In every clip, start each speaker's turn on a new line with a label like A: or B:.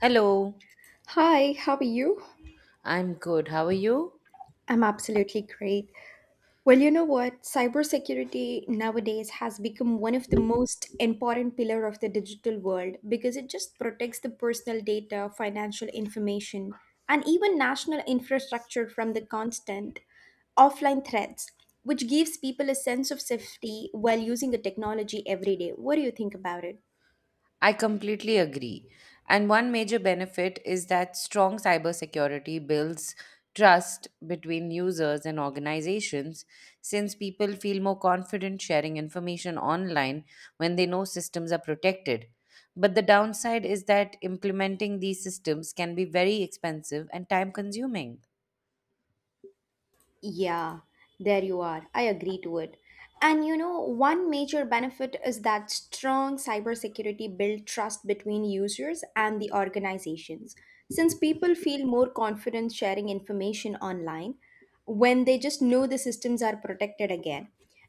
A: Hello,
B: Hi, how are you?
A: I'm good. How are you?
B: I'm absolutely great. Well, you know what? Cybersecurity nowadays has become one of the most important pillar of the digital world because it just protects the personal data, financial information, and even national infrastructure from the constant offline threats, which gives people a sense of safety while using the technology every day. What do you think about it?
A: I completely agree. And one major benefit is that strong cybersecurity builds trust between users and organizations since people feel more confident sharing information online when they know systems are protected. But the downside is that implementing these systems can be very expensive and time consuming.
B: Yeah, there you are. I agree to it. And you know, one major benefit is that strong cybersecurity build trust between users and the organizations. Since people feel more confident sharing information online when they just know the systems are protected again.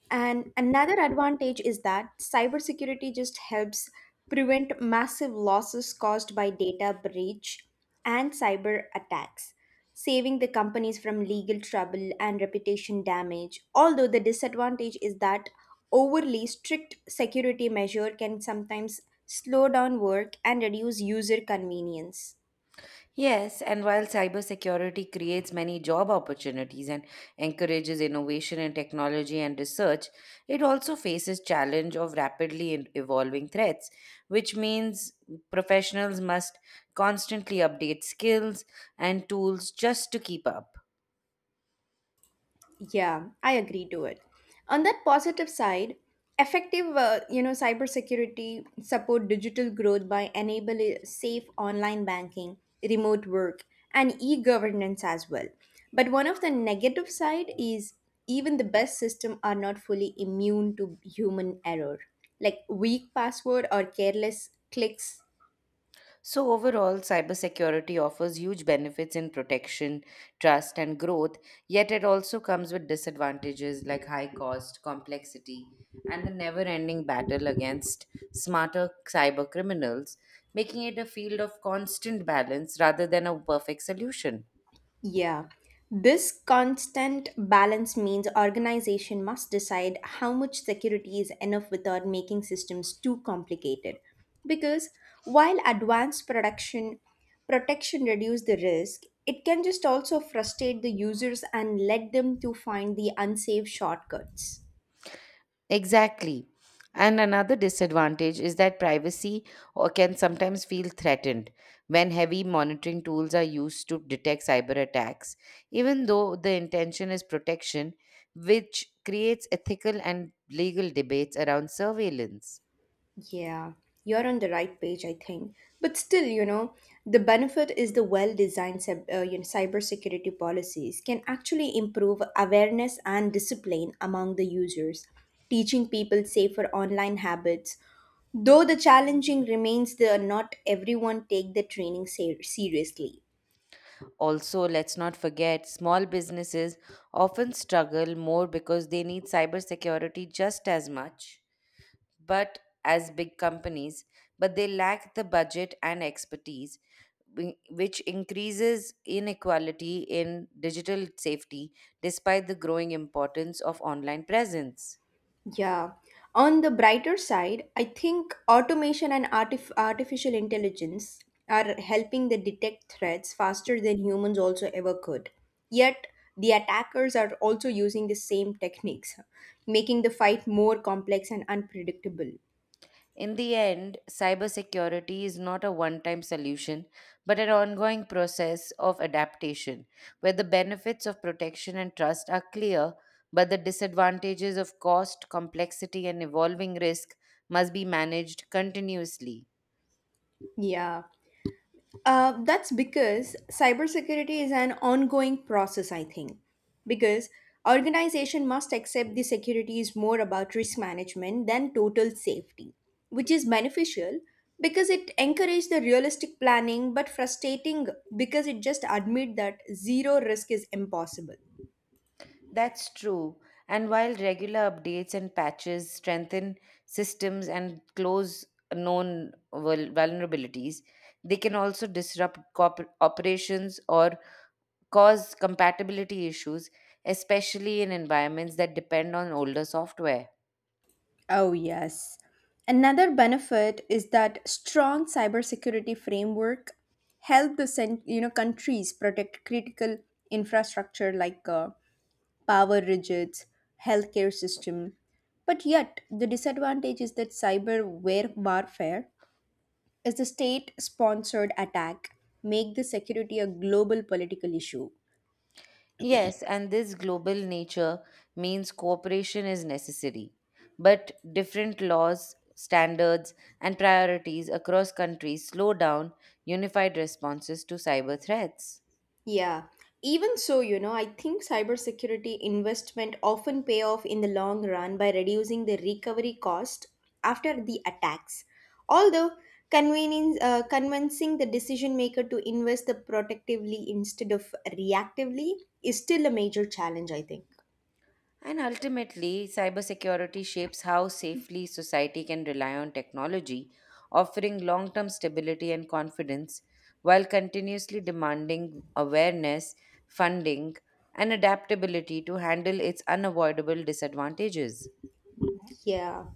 B: And another advantage is that cybersecurity just helps prevent massive losses caused by data breach and cyber attacks saving the companies from legal trouble and reputation damage. Although the disadvantage is that overly strict security measure can sometimes slow down work and reduce user convenience.
A: Yes, and while cybersecurity creates many job opportunities and encourages innovation in technology and research, it also faces challenge of rapidly evolving threats, which means professionals must constantly update skills and tools just to keep up.
B: Yeah, I agree to it. On that positive side, effective, you know, cybersecurity support digital growth by enabling safe online banking, remote work, and e-governance as well. But one of the negative side is even the best system are not fully immune to human error. Like weak password or careless clicks.
A: So, overall, cybersecurity offers huge benefits in protection, trust, and growth, yet it also comes with disadvantages like high cost, complexity, and the never ending battle against smarter cyber criminals, making it a field of constant balance rather than a perfect solution.
B: Yeah. This constant balance means organization must decide how much security is enough without making systems too complicated. Because while advanced production protection reduce the risk, it can just also frustrate the users and let them to find the unsafe shortcuts.
A: Exactly. And another disadvantage is that privacy or can sometimes feel threatened when heavy monitoring tools are used to detect cyber attacks, even though the intention is protection, which creates ethical and legal debates around surveillance.
B: Yeah, you're on the right page, I think. But still, you know, the benefit is the well-designed you know, cybersecurity policies can actually improve awareness and discipline among the users, teaching people safer online habits. Though the challenging remains the not everyone take the training seriously.
A: Also, let's not forget small businesses often struggle more because they need cybersecurity just as much but as big companies, but they lack the budget and expertise, which increases inequality in digital safety despite the growing importance of online presence.
B: Yeah. On the brighter side, I think automation and artificial intelligence are helping the detect threats faster than humans also ever could. Yet, the attackers are also using the same techniques, making the fight more complex and unpredictable.
A: In the end, cybersecurity is not a one time solution, but an ongoing process of adaptation where the benefits of protection and trust are clear, but the disadvantages of cost, complexity, and evolving risk must be managed continuously.
B: Yeah. That's because cybersecurity is an ongoing process, I think. Because organization must accept the security is more about risk management than total safety, which is beneficial because it encourages the realistic planning, but frustrating because it just admit that zero risk is impossible.
A: That's true. And while regular updates and patches strengthen systems and close known vulnerabilities, they can also disrupt operations or cause compatibility issues, especially in environments that depend on older software.
B: Oh, yes. Another benefit is that strong cybersecurity framework help the you know countries protect critical infrastructure like power grids, healthcare system. But yet, the disadvantage is that warfare is a state-sponsored attack, make the security a global political issue.
A: Yes, and this global nature means cooperation is necessary. But different laws, standards, and priorities across countries slow down unified responses to cyber threats.
B: Yeah. Even so, you know, I think cybersecurity investment often pay off in the long run by reducing the recovery cost after the attacks. Although convincing the decision maker to invest the protectively instead of reactively is still a major challenge, I think.
A: And ultimately, cybersecurity shapes how safely society can rely on technology, offering long term stability and confidence while continuously demanding awareness, funding, and adaptability to handle its unavoidable disadvantages.
B: Yeah.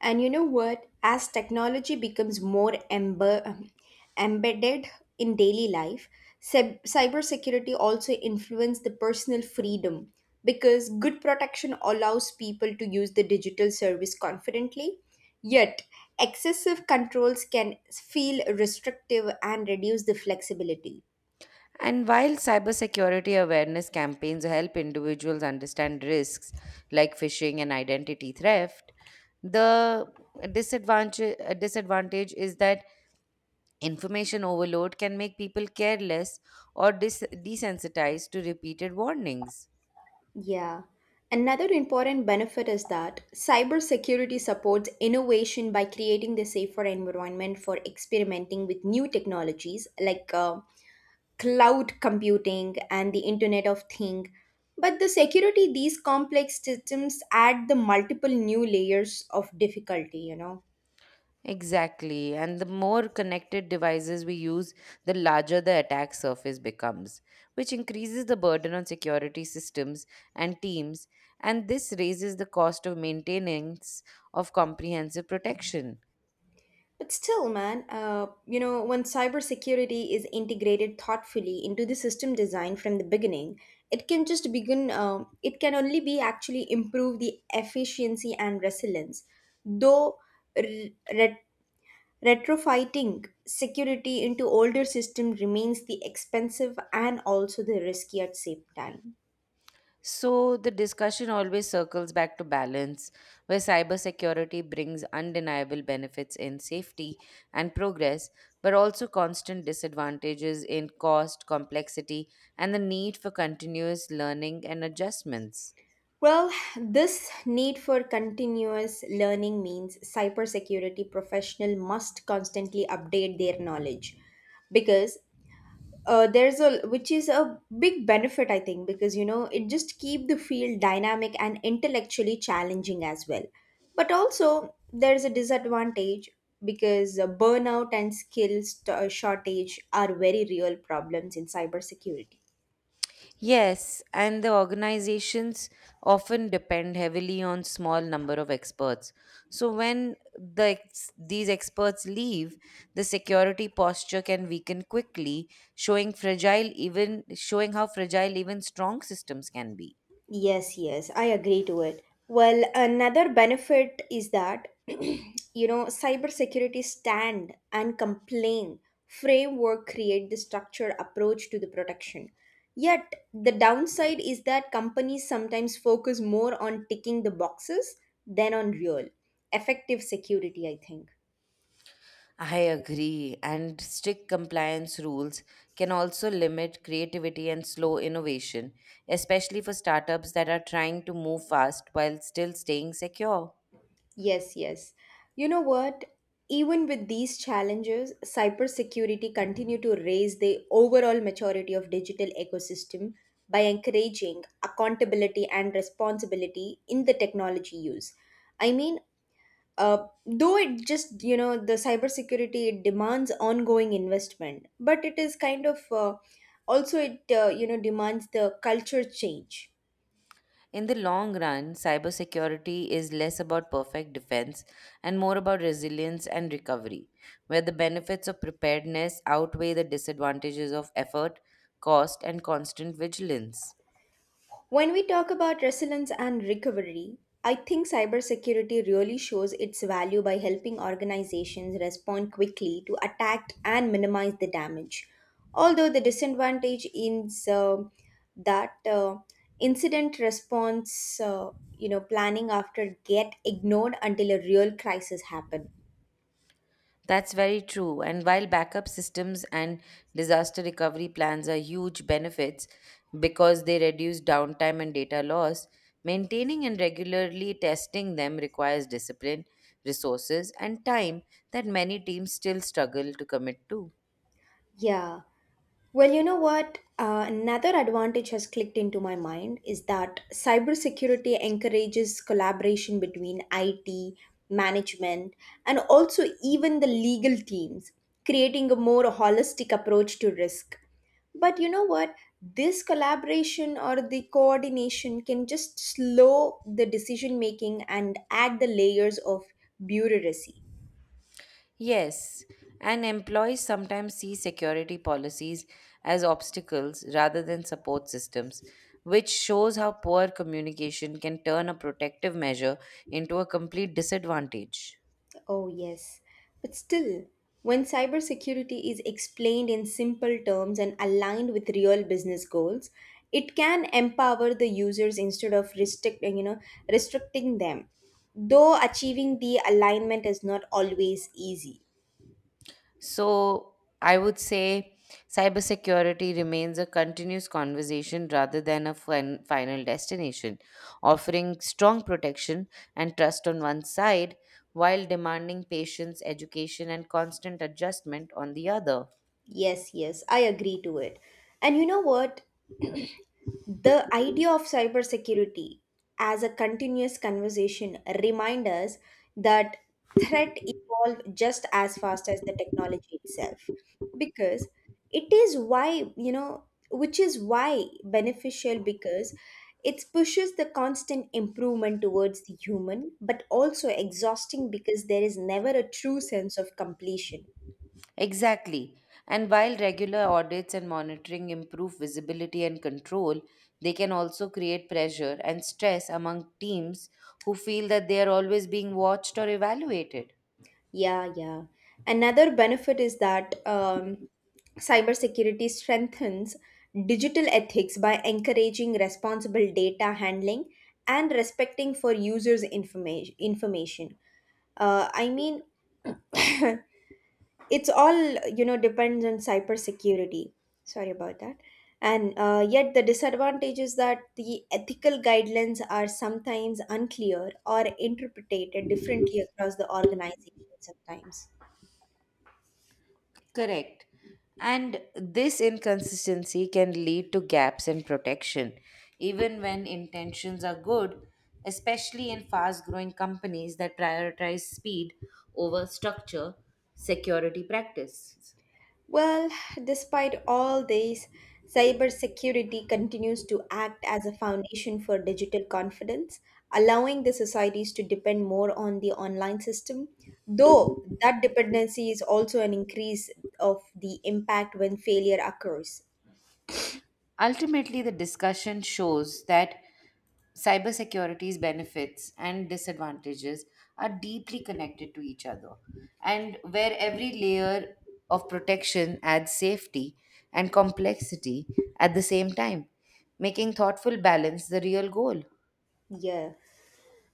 B: And you know what? As technology becomes more embedded in daily life, cybersecurity also influences the personal freedom because good protection allows people to use the digital service confidently. Yet, excessive controls can feel restrictive and reduce the flexibility.
A: And while cybersecurity awareness campaigns help individuals understand risks like phishing and identity theft, the disadvantage is that information overload can make people careless or desensitized to repeated warnings.
B: Yeah. Another important benefit is that cybersecurity supports innovation by creating the safer environment for experimenting with new technologies like cloud computing and the Internet of Things. But the security these complex systems add the multiple new layers of difficulty, you know.
A: Exactly. And the more connected devices we use, the larger the attack surface becomes, which increases the burden on security systems and teams. And this raises the cost of maintenance of comprehensive protection.
B: But still, you know, when cybersecurity is integrated thoughtfully into the system design from the beginning, it can it can only be actually improve the efficiency and resilience. Though re- ret- retrofitting security into older system remains the expensive and also the risky at same time.
A: So the discussion always circles back to balance, where cybersecurity brings undeniable benefits in safety and progress, but also constant disadvantages in cost, complexity, and the need for continuous learning and adjustments.
B: Well, this need for continuous learning means cybersecurity professional must constantly update their knowledge because there's a which is a big benefit I think because you know it just keep the field dynamic and intellectually challenging as well. But also there's a disadvantage because burnout and shortage are very real problems in cybersecurity.
A: Yes, and the organizations often depend heavily on small number of experts. So when the these experts leave, the security posture can weaken quickly, showing fragile even showing how fragile even strong systems can be.
B: Yes, yes, I agree to it. Well, another benefit is that you know, cybersecurity stand and complain framework create the structured approach to the protection. Yet the downside is that companies sometimes focus more on ticking the boxes than on real effective security, I think.
A: I agree, and strict compliance rules can also limit creativity and slow innovation, especially for startups that are trying to move fast while still staying secure.
B: Yes, yes. You know what? Even with these challenges, cybersecurity continue to raise the overall maturity of digital ecosystem by encouraging accountability and responsibility in the technology use. I mean, though it just, you know, the cybersecurity it demands ongoing investment, but it is kind of also you know, demands the culture change.
A: In the long run, cybersecurity is less about perfect defense and more about resilience and recovery, where the benefits of preparedness outweigh the disadvantages of effort, cost, and constant vigilance.
B: When we talk about resilience and recovery, I think cybersecurity really shows its value by helping organizations respond quickly to attack and minimize the damage. Although the disadvantage is that incident response, you know, planning after get ignored until a real crisis happen.
A: That's very true. And while backup systems and disaster recovery plans are huge benefits because they reduce downtime and data loss, maintaining and regularly testing them requires discipline, resources, and time that many teams still struggle to commit to.
B: Yeah. Well, you know what? Another advantage has clicked into my mind is that cybersecurity encourages collaboration between IT, management, and also even the legal teams, creating a more holistic approach to risk. But you know what? This collaboration or the coordination can just slow the decision making and add the layers of bureaucracy.
A: Yes, and employees sometimes see security policies as obstacles rather than support systems, which shows how poor communication can turn a protective measure into a complete disadvantage.
B: Oh, yes. But still, when cybersecurity is explained in simple terms and aligned with real business goals, it can empower the users instead of restricting, you know, restricting them. Though achieving the alignment is not always easy.
A: So, I would say cybersecurity remains a continuous conversation rather than a final destination, offering strong protection and trust on one side while demanding patience, education, and constant adjustment on the other.
B: Yes, yes, I agree to it. And you know what? The idea of cybersecurity as a continuous conversation reminds us that threat evolve just as fast as the technology itself because it is why you know which is why beneficial because it pushes the constant improvement towards the human but also exhausting because there is never a true sense of completion.
A: Exactly. And while regular audits and monitoring improve visibility and control, they can also create pressure and stress among teams who feel that they are always being watched or evaluated.
B: Yeah, yeah. Another benefit is that cybersecurity strengthens digital ethics by encouraging responsible data handling and respecting for users' information. Information. I mean, it's all you know depends on cybersecurity. Sorry about that. And yet, the disadvantage is that the ethical guidelines are sometimes unclear or interpreted differently across the organization. Sometimes.
A: Correct. And this inconsistency can lead to gaps in protection, even when intentions are good, especially in fast growing companies that prioritize speed over structure, security practices.
B: Well, despite all this, cybersecurity continues to act as a foundation for digital confidence, allowing the societies to depend more on the online system. Though that dependency is also an increase of the impact when failure occurs.
A: Ultimately, the discussion shows that cybersecurity's benefits and disadvantages are deeply connected to each other, and where every layer of protection adds safety and complexity at the same time, making thoughtful balance the real goal.
B: Yeah.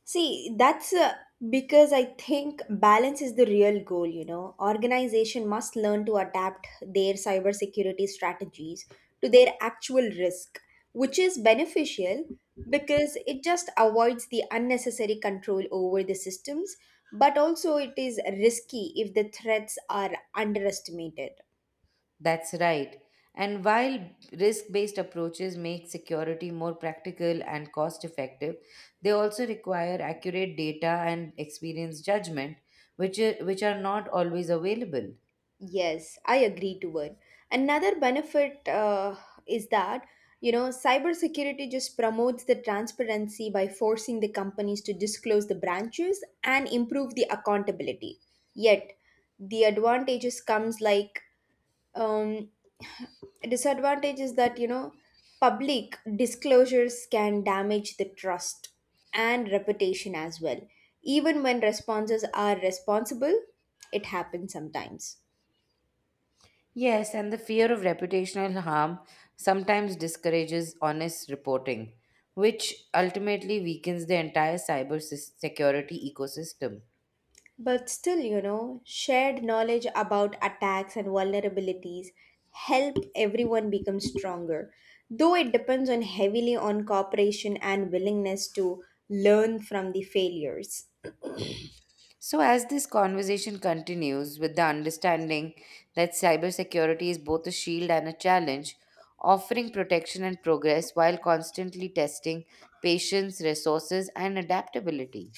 B: See, that's because I think balance is the real goal, you know. Organization must learn to adapt their cybersecurity strategies to their actual risk, which is beneficial because it just avoids the unnecessary control over the systems, but also it is risky if the threats are underestimated.
A: That's right. And while risk-based approaches make security more practical and cost-effective, they also require accurate data and experience judgment, which are not always available.
B: Yes, I agree to it. Another benefit is that, you know, cybersecurity just promotes the transparency by forcing the companies to disclose the branches and improve the accountability. Yet, the advantages comes like um, disadvantage is that, you know, public disclosures can damage the trust and reputation as well. Even when responses are responsible, it happens sometimes.
A: Yes, and the fear of reputational harm sometimes discourages honest reporting, which ultimately weakens the entire cyber security ecosystem.
B: But still, you know, shared knowledge about attacks and vulnerabilities help everyone become stronger. Though it depends on heavily on cooperation and willingness to learn from the failures.
A: So, as this conversation continues with the understanding that cybersecurity is both a shield and a challenge, offering protection and progress while constantly testing patience, resources, and adaptability.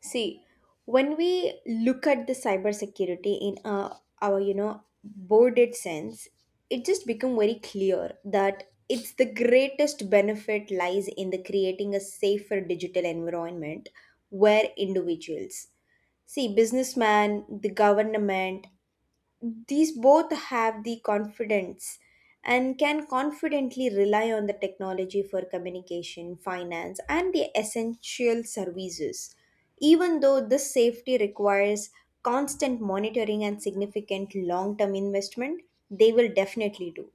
B: See, when we look at the cybersecurity in our you know boarded sense, it just become very clear that it's the greatest benefit lies in the creating a safer digital environment where individuals See, businessman, the government, these both have the confidence and can confidently rely on the technology for communication, finance, and the essential services. Even though this safety requires constant monitoring and significant long term investment, they will definitely do.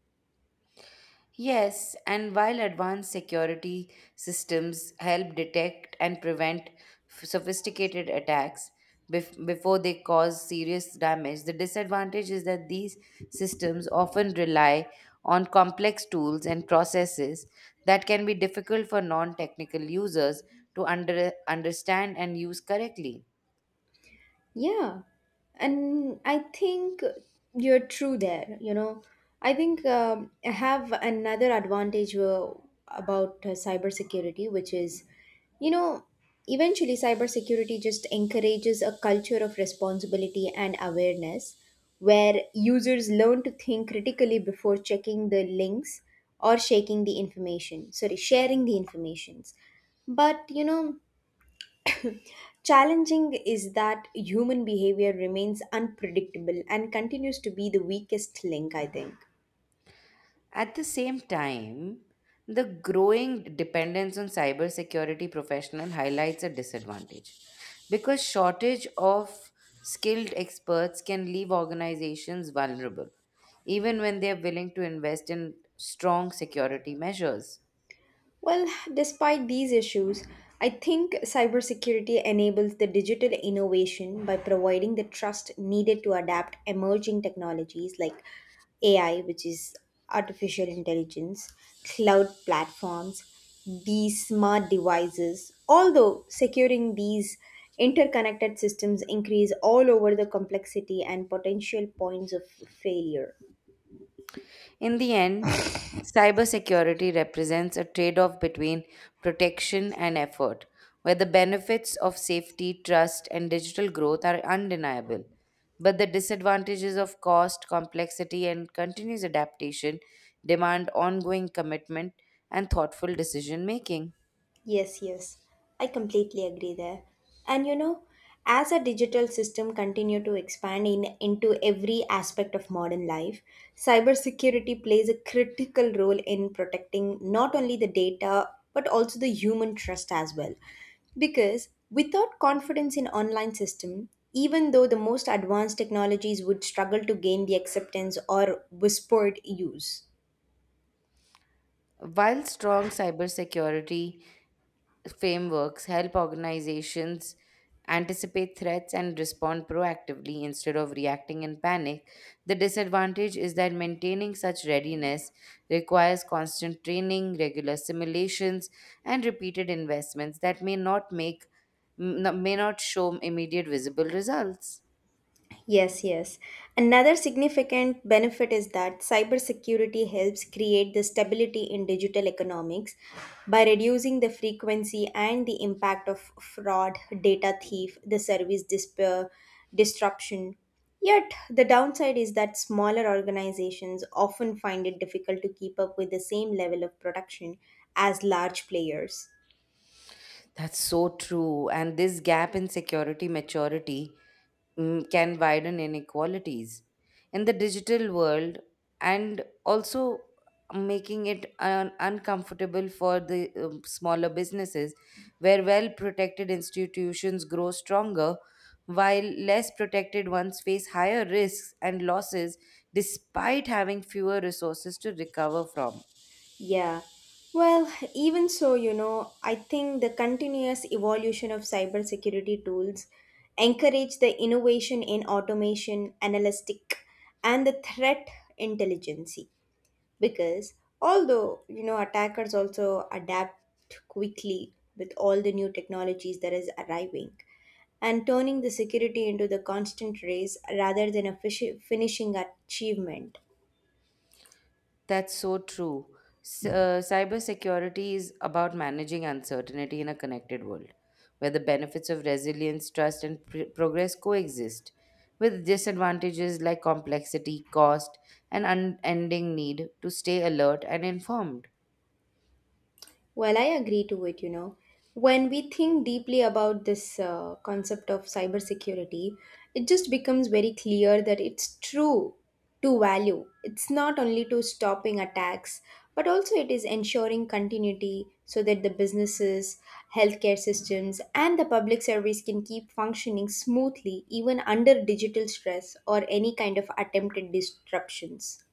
A: Yes, and while advanced security systems help detect and prevent sophisticated attacks before they cause serious damage, the disadvantage is that these systems often rely on complex tools and processes that can be difficult for non technical users to understand and use correctly.
B: Yeah. And I think you're true there, you know. I think I have another advantage about cybersecurity, which is, you know, eventually cybersecurity just encourages a culture of responsibility and awareness where users learn to think critically before checking the links or shaking the information, sorry, sharing the informations. But, you know, challenging is that human behavior remains unpredictable and continues to be the weakest link, I think.
A: At the same time, the growing dependence on cybersecurity professional highlights a disadvantage because shortage of skilled experts can leave organizations vulnerable even when they are willing to invest in strong security measures.
B: Well, despite these issues, I think cybersecurity enables the digital innovation by providing the trust needed to adapt emerging technologies like AI, which is artificial intelligence, cloud platforms, these smart devices. Although securing these interconnected systems increase all over the complexity and potential points of failure.
A: In the end, cybersecurity represents a trade off between protection and effort, where the benefits of safety, trust, and digital growth are undeniable. But the disadvantages of cost, complexity, and continuous adaptation demand ongoing commitment and thoughtful decision making.
B: Yes, yes. I completely agree there. And you know, as a digital system continue to expand into every aspect of modern life, cybersecurity plays a critical role in protecting not only the data but also the human trust as well. Because without confidence in online system, even though the most advanced technologies would struggle to gain the acceptance or whispered use.
A: While strong cybersecurity frameworks help organizations anticipate threats and respond proactively instead of reacting in panic. The disadvantage is that maintaining such readiness requires constant training, regular simulations, and repeated investments that may not show immediate visible results.
B: Yes, yes. Another significant benefit is that cybersecurity helps create the stability in digital economics by reducing the frequency and the impact of fraud, data thief, the disruption. Yet, the downside is that smaller organizations often find it difficult to keep up with the same level of production as large players.
A: That's so true. And this gap in security maturity can widen inequalities in the digital world and also making it uncomfortable for the smaller businesses where well protected institutions grow stronger while less protected ones face higher risks and losses despite having fewer resources to recover from.
B: Yeah. Well, even so, you know, I think the continuous evolution of cybersecurity tools encourage the innovation in automation, analytic, and the threat intelligence. Because although, you know, attackers also adapt quickly with all the new technologies that is arriving and turning the security into the constant race rather than a finishing achievement.
A: That's so true. Cybersecurity is about managing uncertainty in a connected world, where the benefits of resilience, trust, and progress coexist with disadvantages like complexity, cost, and unending need to stay alert and informed.
B: Well, I agree to it, you know. When we think deeply about this concept of cybersecurity, it just becomes very clear that it's true to value. It's not only to stopping attacks, but also it is ensuring continuity so that the businesses, healthcare systems, and the public service can keep functioning smoothly even under digital stress or any kind of attempted disruptions.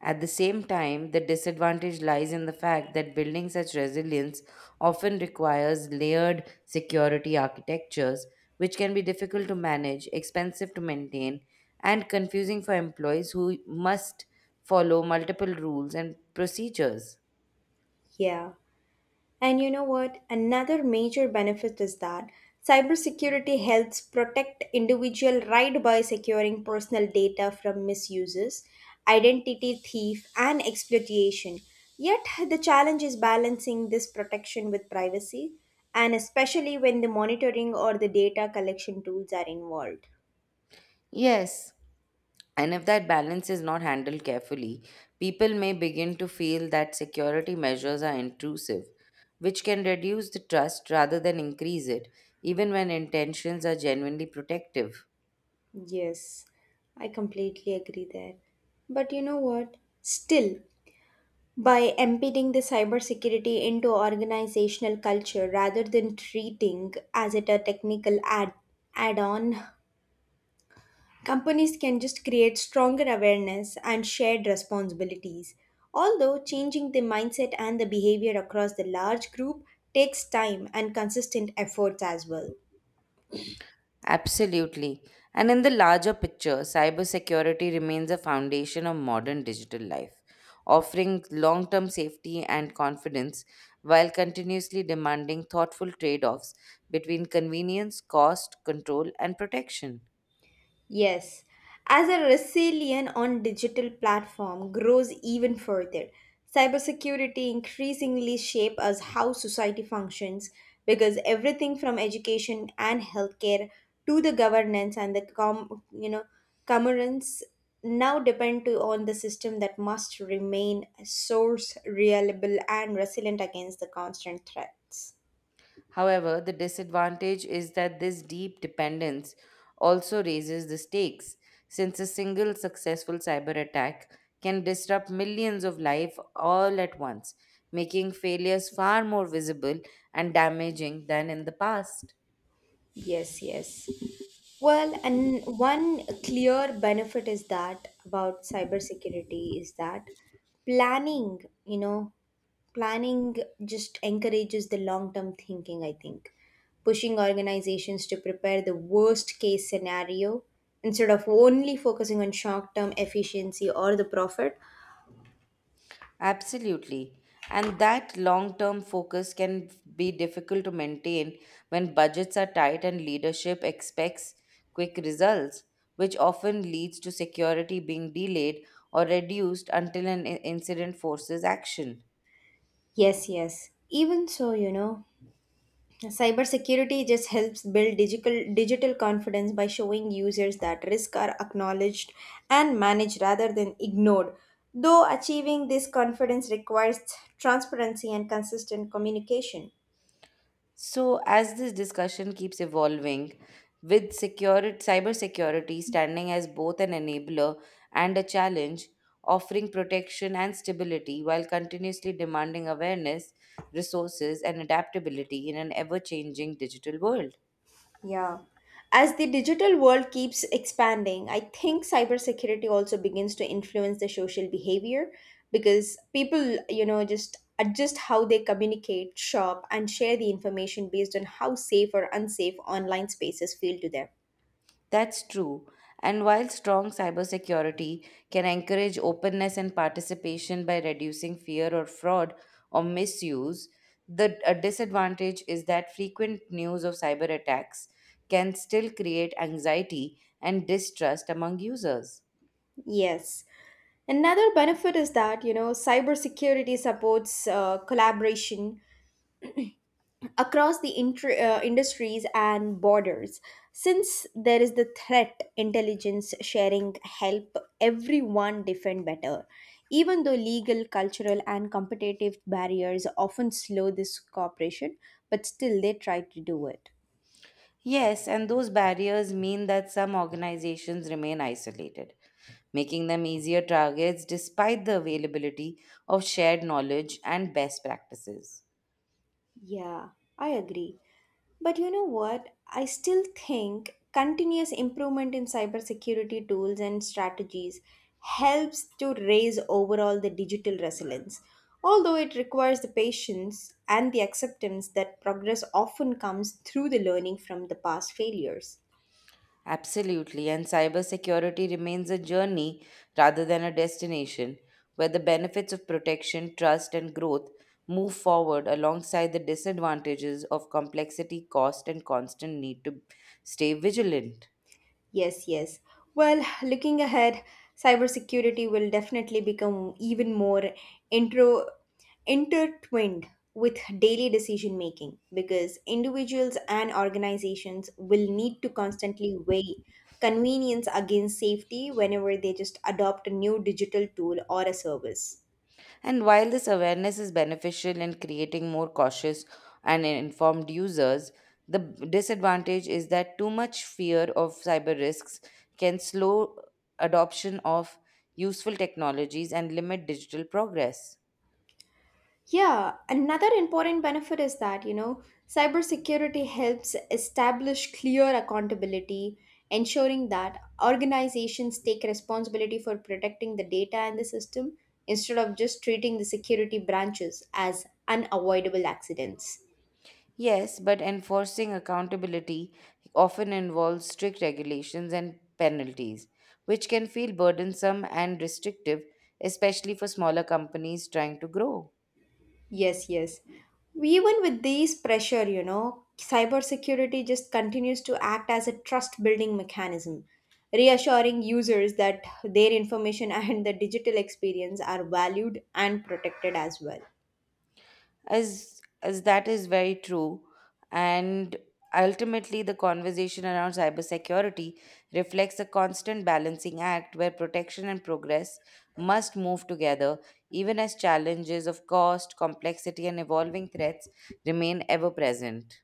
A: At the same time, the disadvantage lies in the fact that building such resilience often requires layered security architectures, which can be difficult to manage, expensive to maintain, and confusing for employees who must follow multiple rules and procedures.
B: Yeah. And you know what? Another major benefit is that cybersecurity helps protect individual right by securing personal data from misuses, identity thief, and exploitation. Yet the challenge is balancing this protection with privacy, and especially when the monitoring or the data collection tools are involved.
A: Yes, and if that balance is not handled carefully, people may begin to feel that security measures are intrusive, which can reduce the trust rather than increase it, even when intentions are genuinely protective.
B: Yes, I completely agree there. But you know what? Still, by embedding the cybersecurity into organizational culture rather than treating as it a technical add-on, companies can just create stronger awareness and shared responsibilities. Although changing the mindset and the behavior across the large group takes time and consistent efforts as well.
A: Absolutely. And in the larger picture, cybersecurity remains a foundation of modern digital life, offering long term safety and confidence while continuously demanding thoughtful trade offs between convenience, cost, control, and protection.
B: Yes, as a resilience on digital platform grows even further, cybersecurity increasingly shape as how society functions because everything from education and healthcare to the governance and the commerce now depend to on the system that must remain a source reliable and resilient against the constant threats.
A: However, the disadvantage is that this deep dependence also raises the stakes, since a single successful cyber attack can disrupt millions of lives all at once, making failures far more visible and damaging than in the past.
B: Yes, yes. Well, and one clear benefit is that about cybersecurity is that planning, you know, planning just encourages the long term thinking, I think, pushing organizations to prepare the worst case scenario instead of only focusing on short term efficiency or the profit.
A: Absolutely. And that long term focus can be difficult to maintain when budgets are tight and leadership expects quick results, which often leads to security being delayed or reduced until an incident forces action.
B: Yes, yes. Even so, you know, cybersecurity just helps build digital confidence by showing users that risks are acknowledged and managed rather than ignored. Though achieving this confidence requires transparency and consistent communication.
A: So, as this discussion keeps evolving, with security, cybersecurity standing as both an enabler and a challenge, offering protection and stability while continuously demanding awareness, resources, and adaptability in an ever changing digital world.
B: Yeah. As the digital world keeps expanding, I think cybersecurity also begins to influence the social behavior because people, you know, just adjust how they communicate, shop, and share the information based on how safe or unsafe online spaces feel to them.
A: That's true. And while strong cybersecurity can encourage openness and participation by reducing fear or fraud or misuse, the a disadvantage is that frequent news of cyber attacks can still create anxiety and distrust among users.
B: Yes. Another benefit is that, you know, cybersecurity supports collaboration across the industries and borders. Since there is the threat, intelligence sharing help everyone defend better. Even though legal, cultural, and competitive barriers often slow this cooperation, but still they try to do it.
A: Yes, and those barriers mean that some organizations remain isolated, making them easier targets despite the availability of shared knowledge and best practices.
B: Yeah, I agree. But you know what? I still think continuous improvement in cybersecurity tools and strategies helps to raise overall the digital resilience. Although it requires the patience and the acceptance that progress often comes through the learning from the past failures.
A: Absolutely, and cybersecurity remains a journey rather than a destination, where the benefits of protection, trust, and growth move forward alongside the disadvantages of complexity, cost, and constant need to stay vigilant.
B: Yes, yes. Well, looking ahead, cybersecurity will definitely become even more intro intertwined with daily decision making because individuals and organizations will need to constantly weigh convenience against safety whenever they just adopt a new digital tool or a service.
A: And while this awareness is beneficial in creating more cautious and informed users, the disadvantage is that too much fear of cyber risks can slow adoption of useful technologies and limit digital progress.
B: Yeah, another important benefit is that, you know, cybersecurity helps establish clear accountability, ensuring that organizations take responsibility for protecting the data and the system instead of just treating the security branches as unavoidable accidents.
A: Yes, but enforcing accountability often involves strict regulations and penalties, which can feel burdensome and restrictive, especially for smaller companies trying to grow.
B: Yes, yes. Even with these pressure, you know, cybersecurity just continues to act as a trust building mechanism, reassuring users that their information and the digital experience are valued and protected as well.
A: As that is very true, and ultimately the conversation around cybersecurity reflects a constant balancing act where protection and progress must move together, even as challenges of cost, complexity, and evolving threats remain ever present.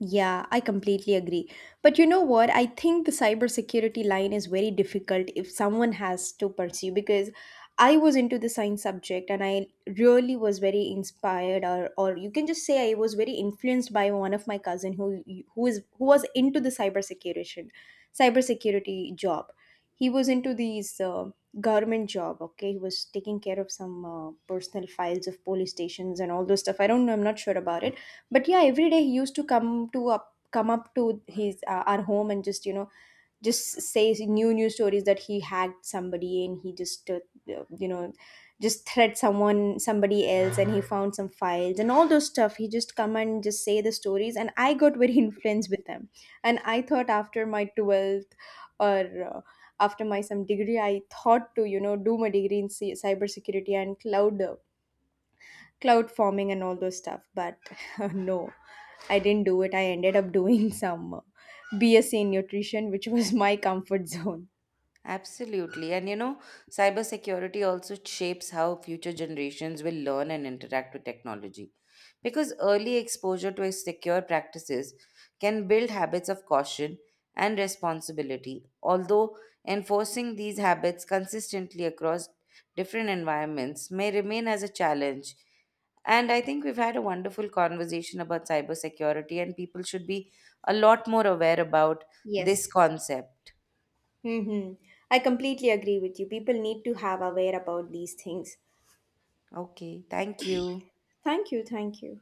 B: Yeah, I completely agree. But you know what? I think the cybersecurity line is very difficult if someone has to pursue because I was into the science subject and I really was very inspired or you can just say I was very influenced by one of my cousin who was into the cybersecurity job. He was into these government job, okay? He was taking care of some personal files of police stations and all those stuff. I don't know, I'm not sure about it, but yeah, every day he used to come up to his our home and just, you know, just say new stories that he hacked somebody and he just uh, you know just thread someone somebody else and he found some files and all those stuff. He just come and just say the stories and I got very influenced with them. And I thought after my 12th or uh, after my some degree I thought to, you know, do my degree in cybersecurity and cloud cloud forming and all those stuff. But no, I didn't do it. I ended up doing some BSc in nutrition, which was my comfort zone.
A: Absolutely. And you know, cybersecurity also shapes how future generations will learn and interact with technology. Because early exposure to secure practices can build habits of caution and responsibility, although enforcing these habits consistently across different environments may remain as a challenge. And I think we've had a wonderful conversation about cybersecurity, and people should be a lot more aware about this
B: Yes,
A: concept.
B: hmm, I completely agree with you. People need to have aware about these things.
A: Okay, thank you.
B: Thank you.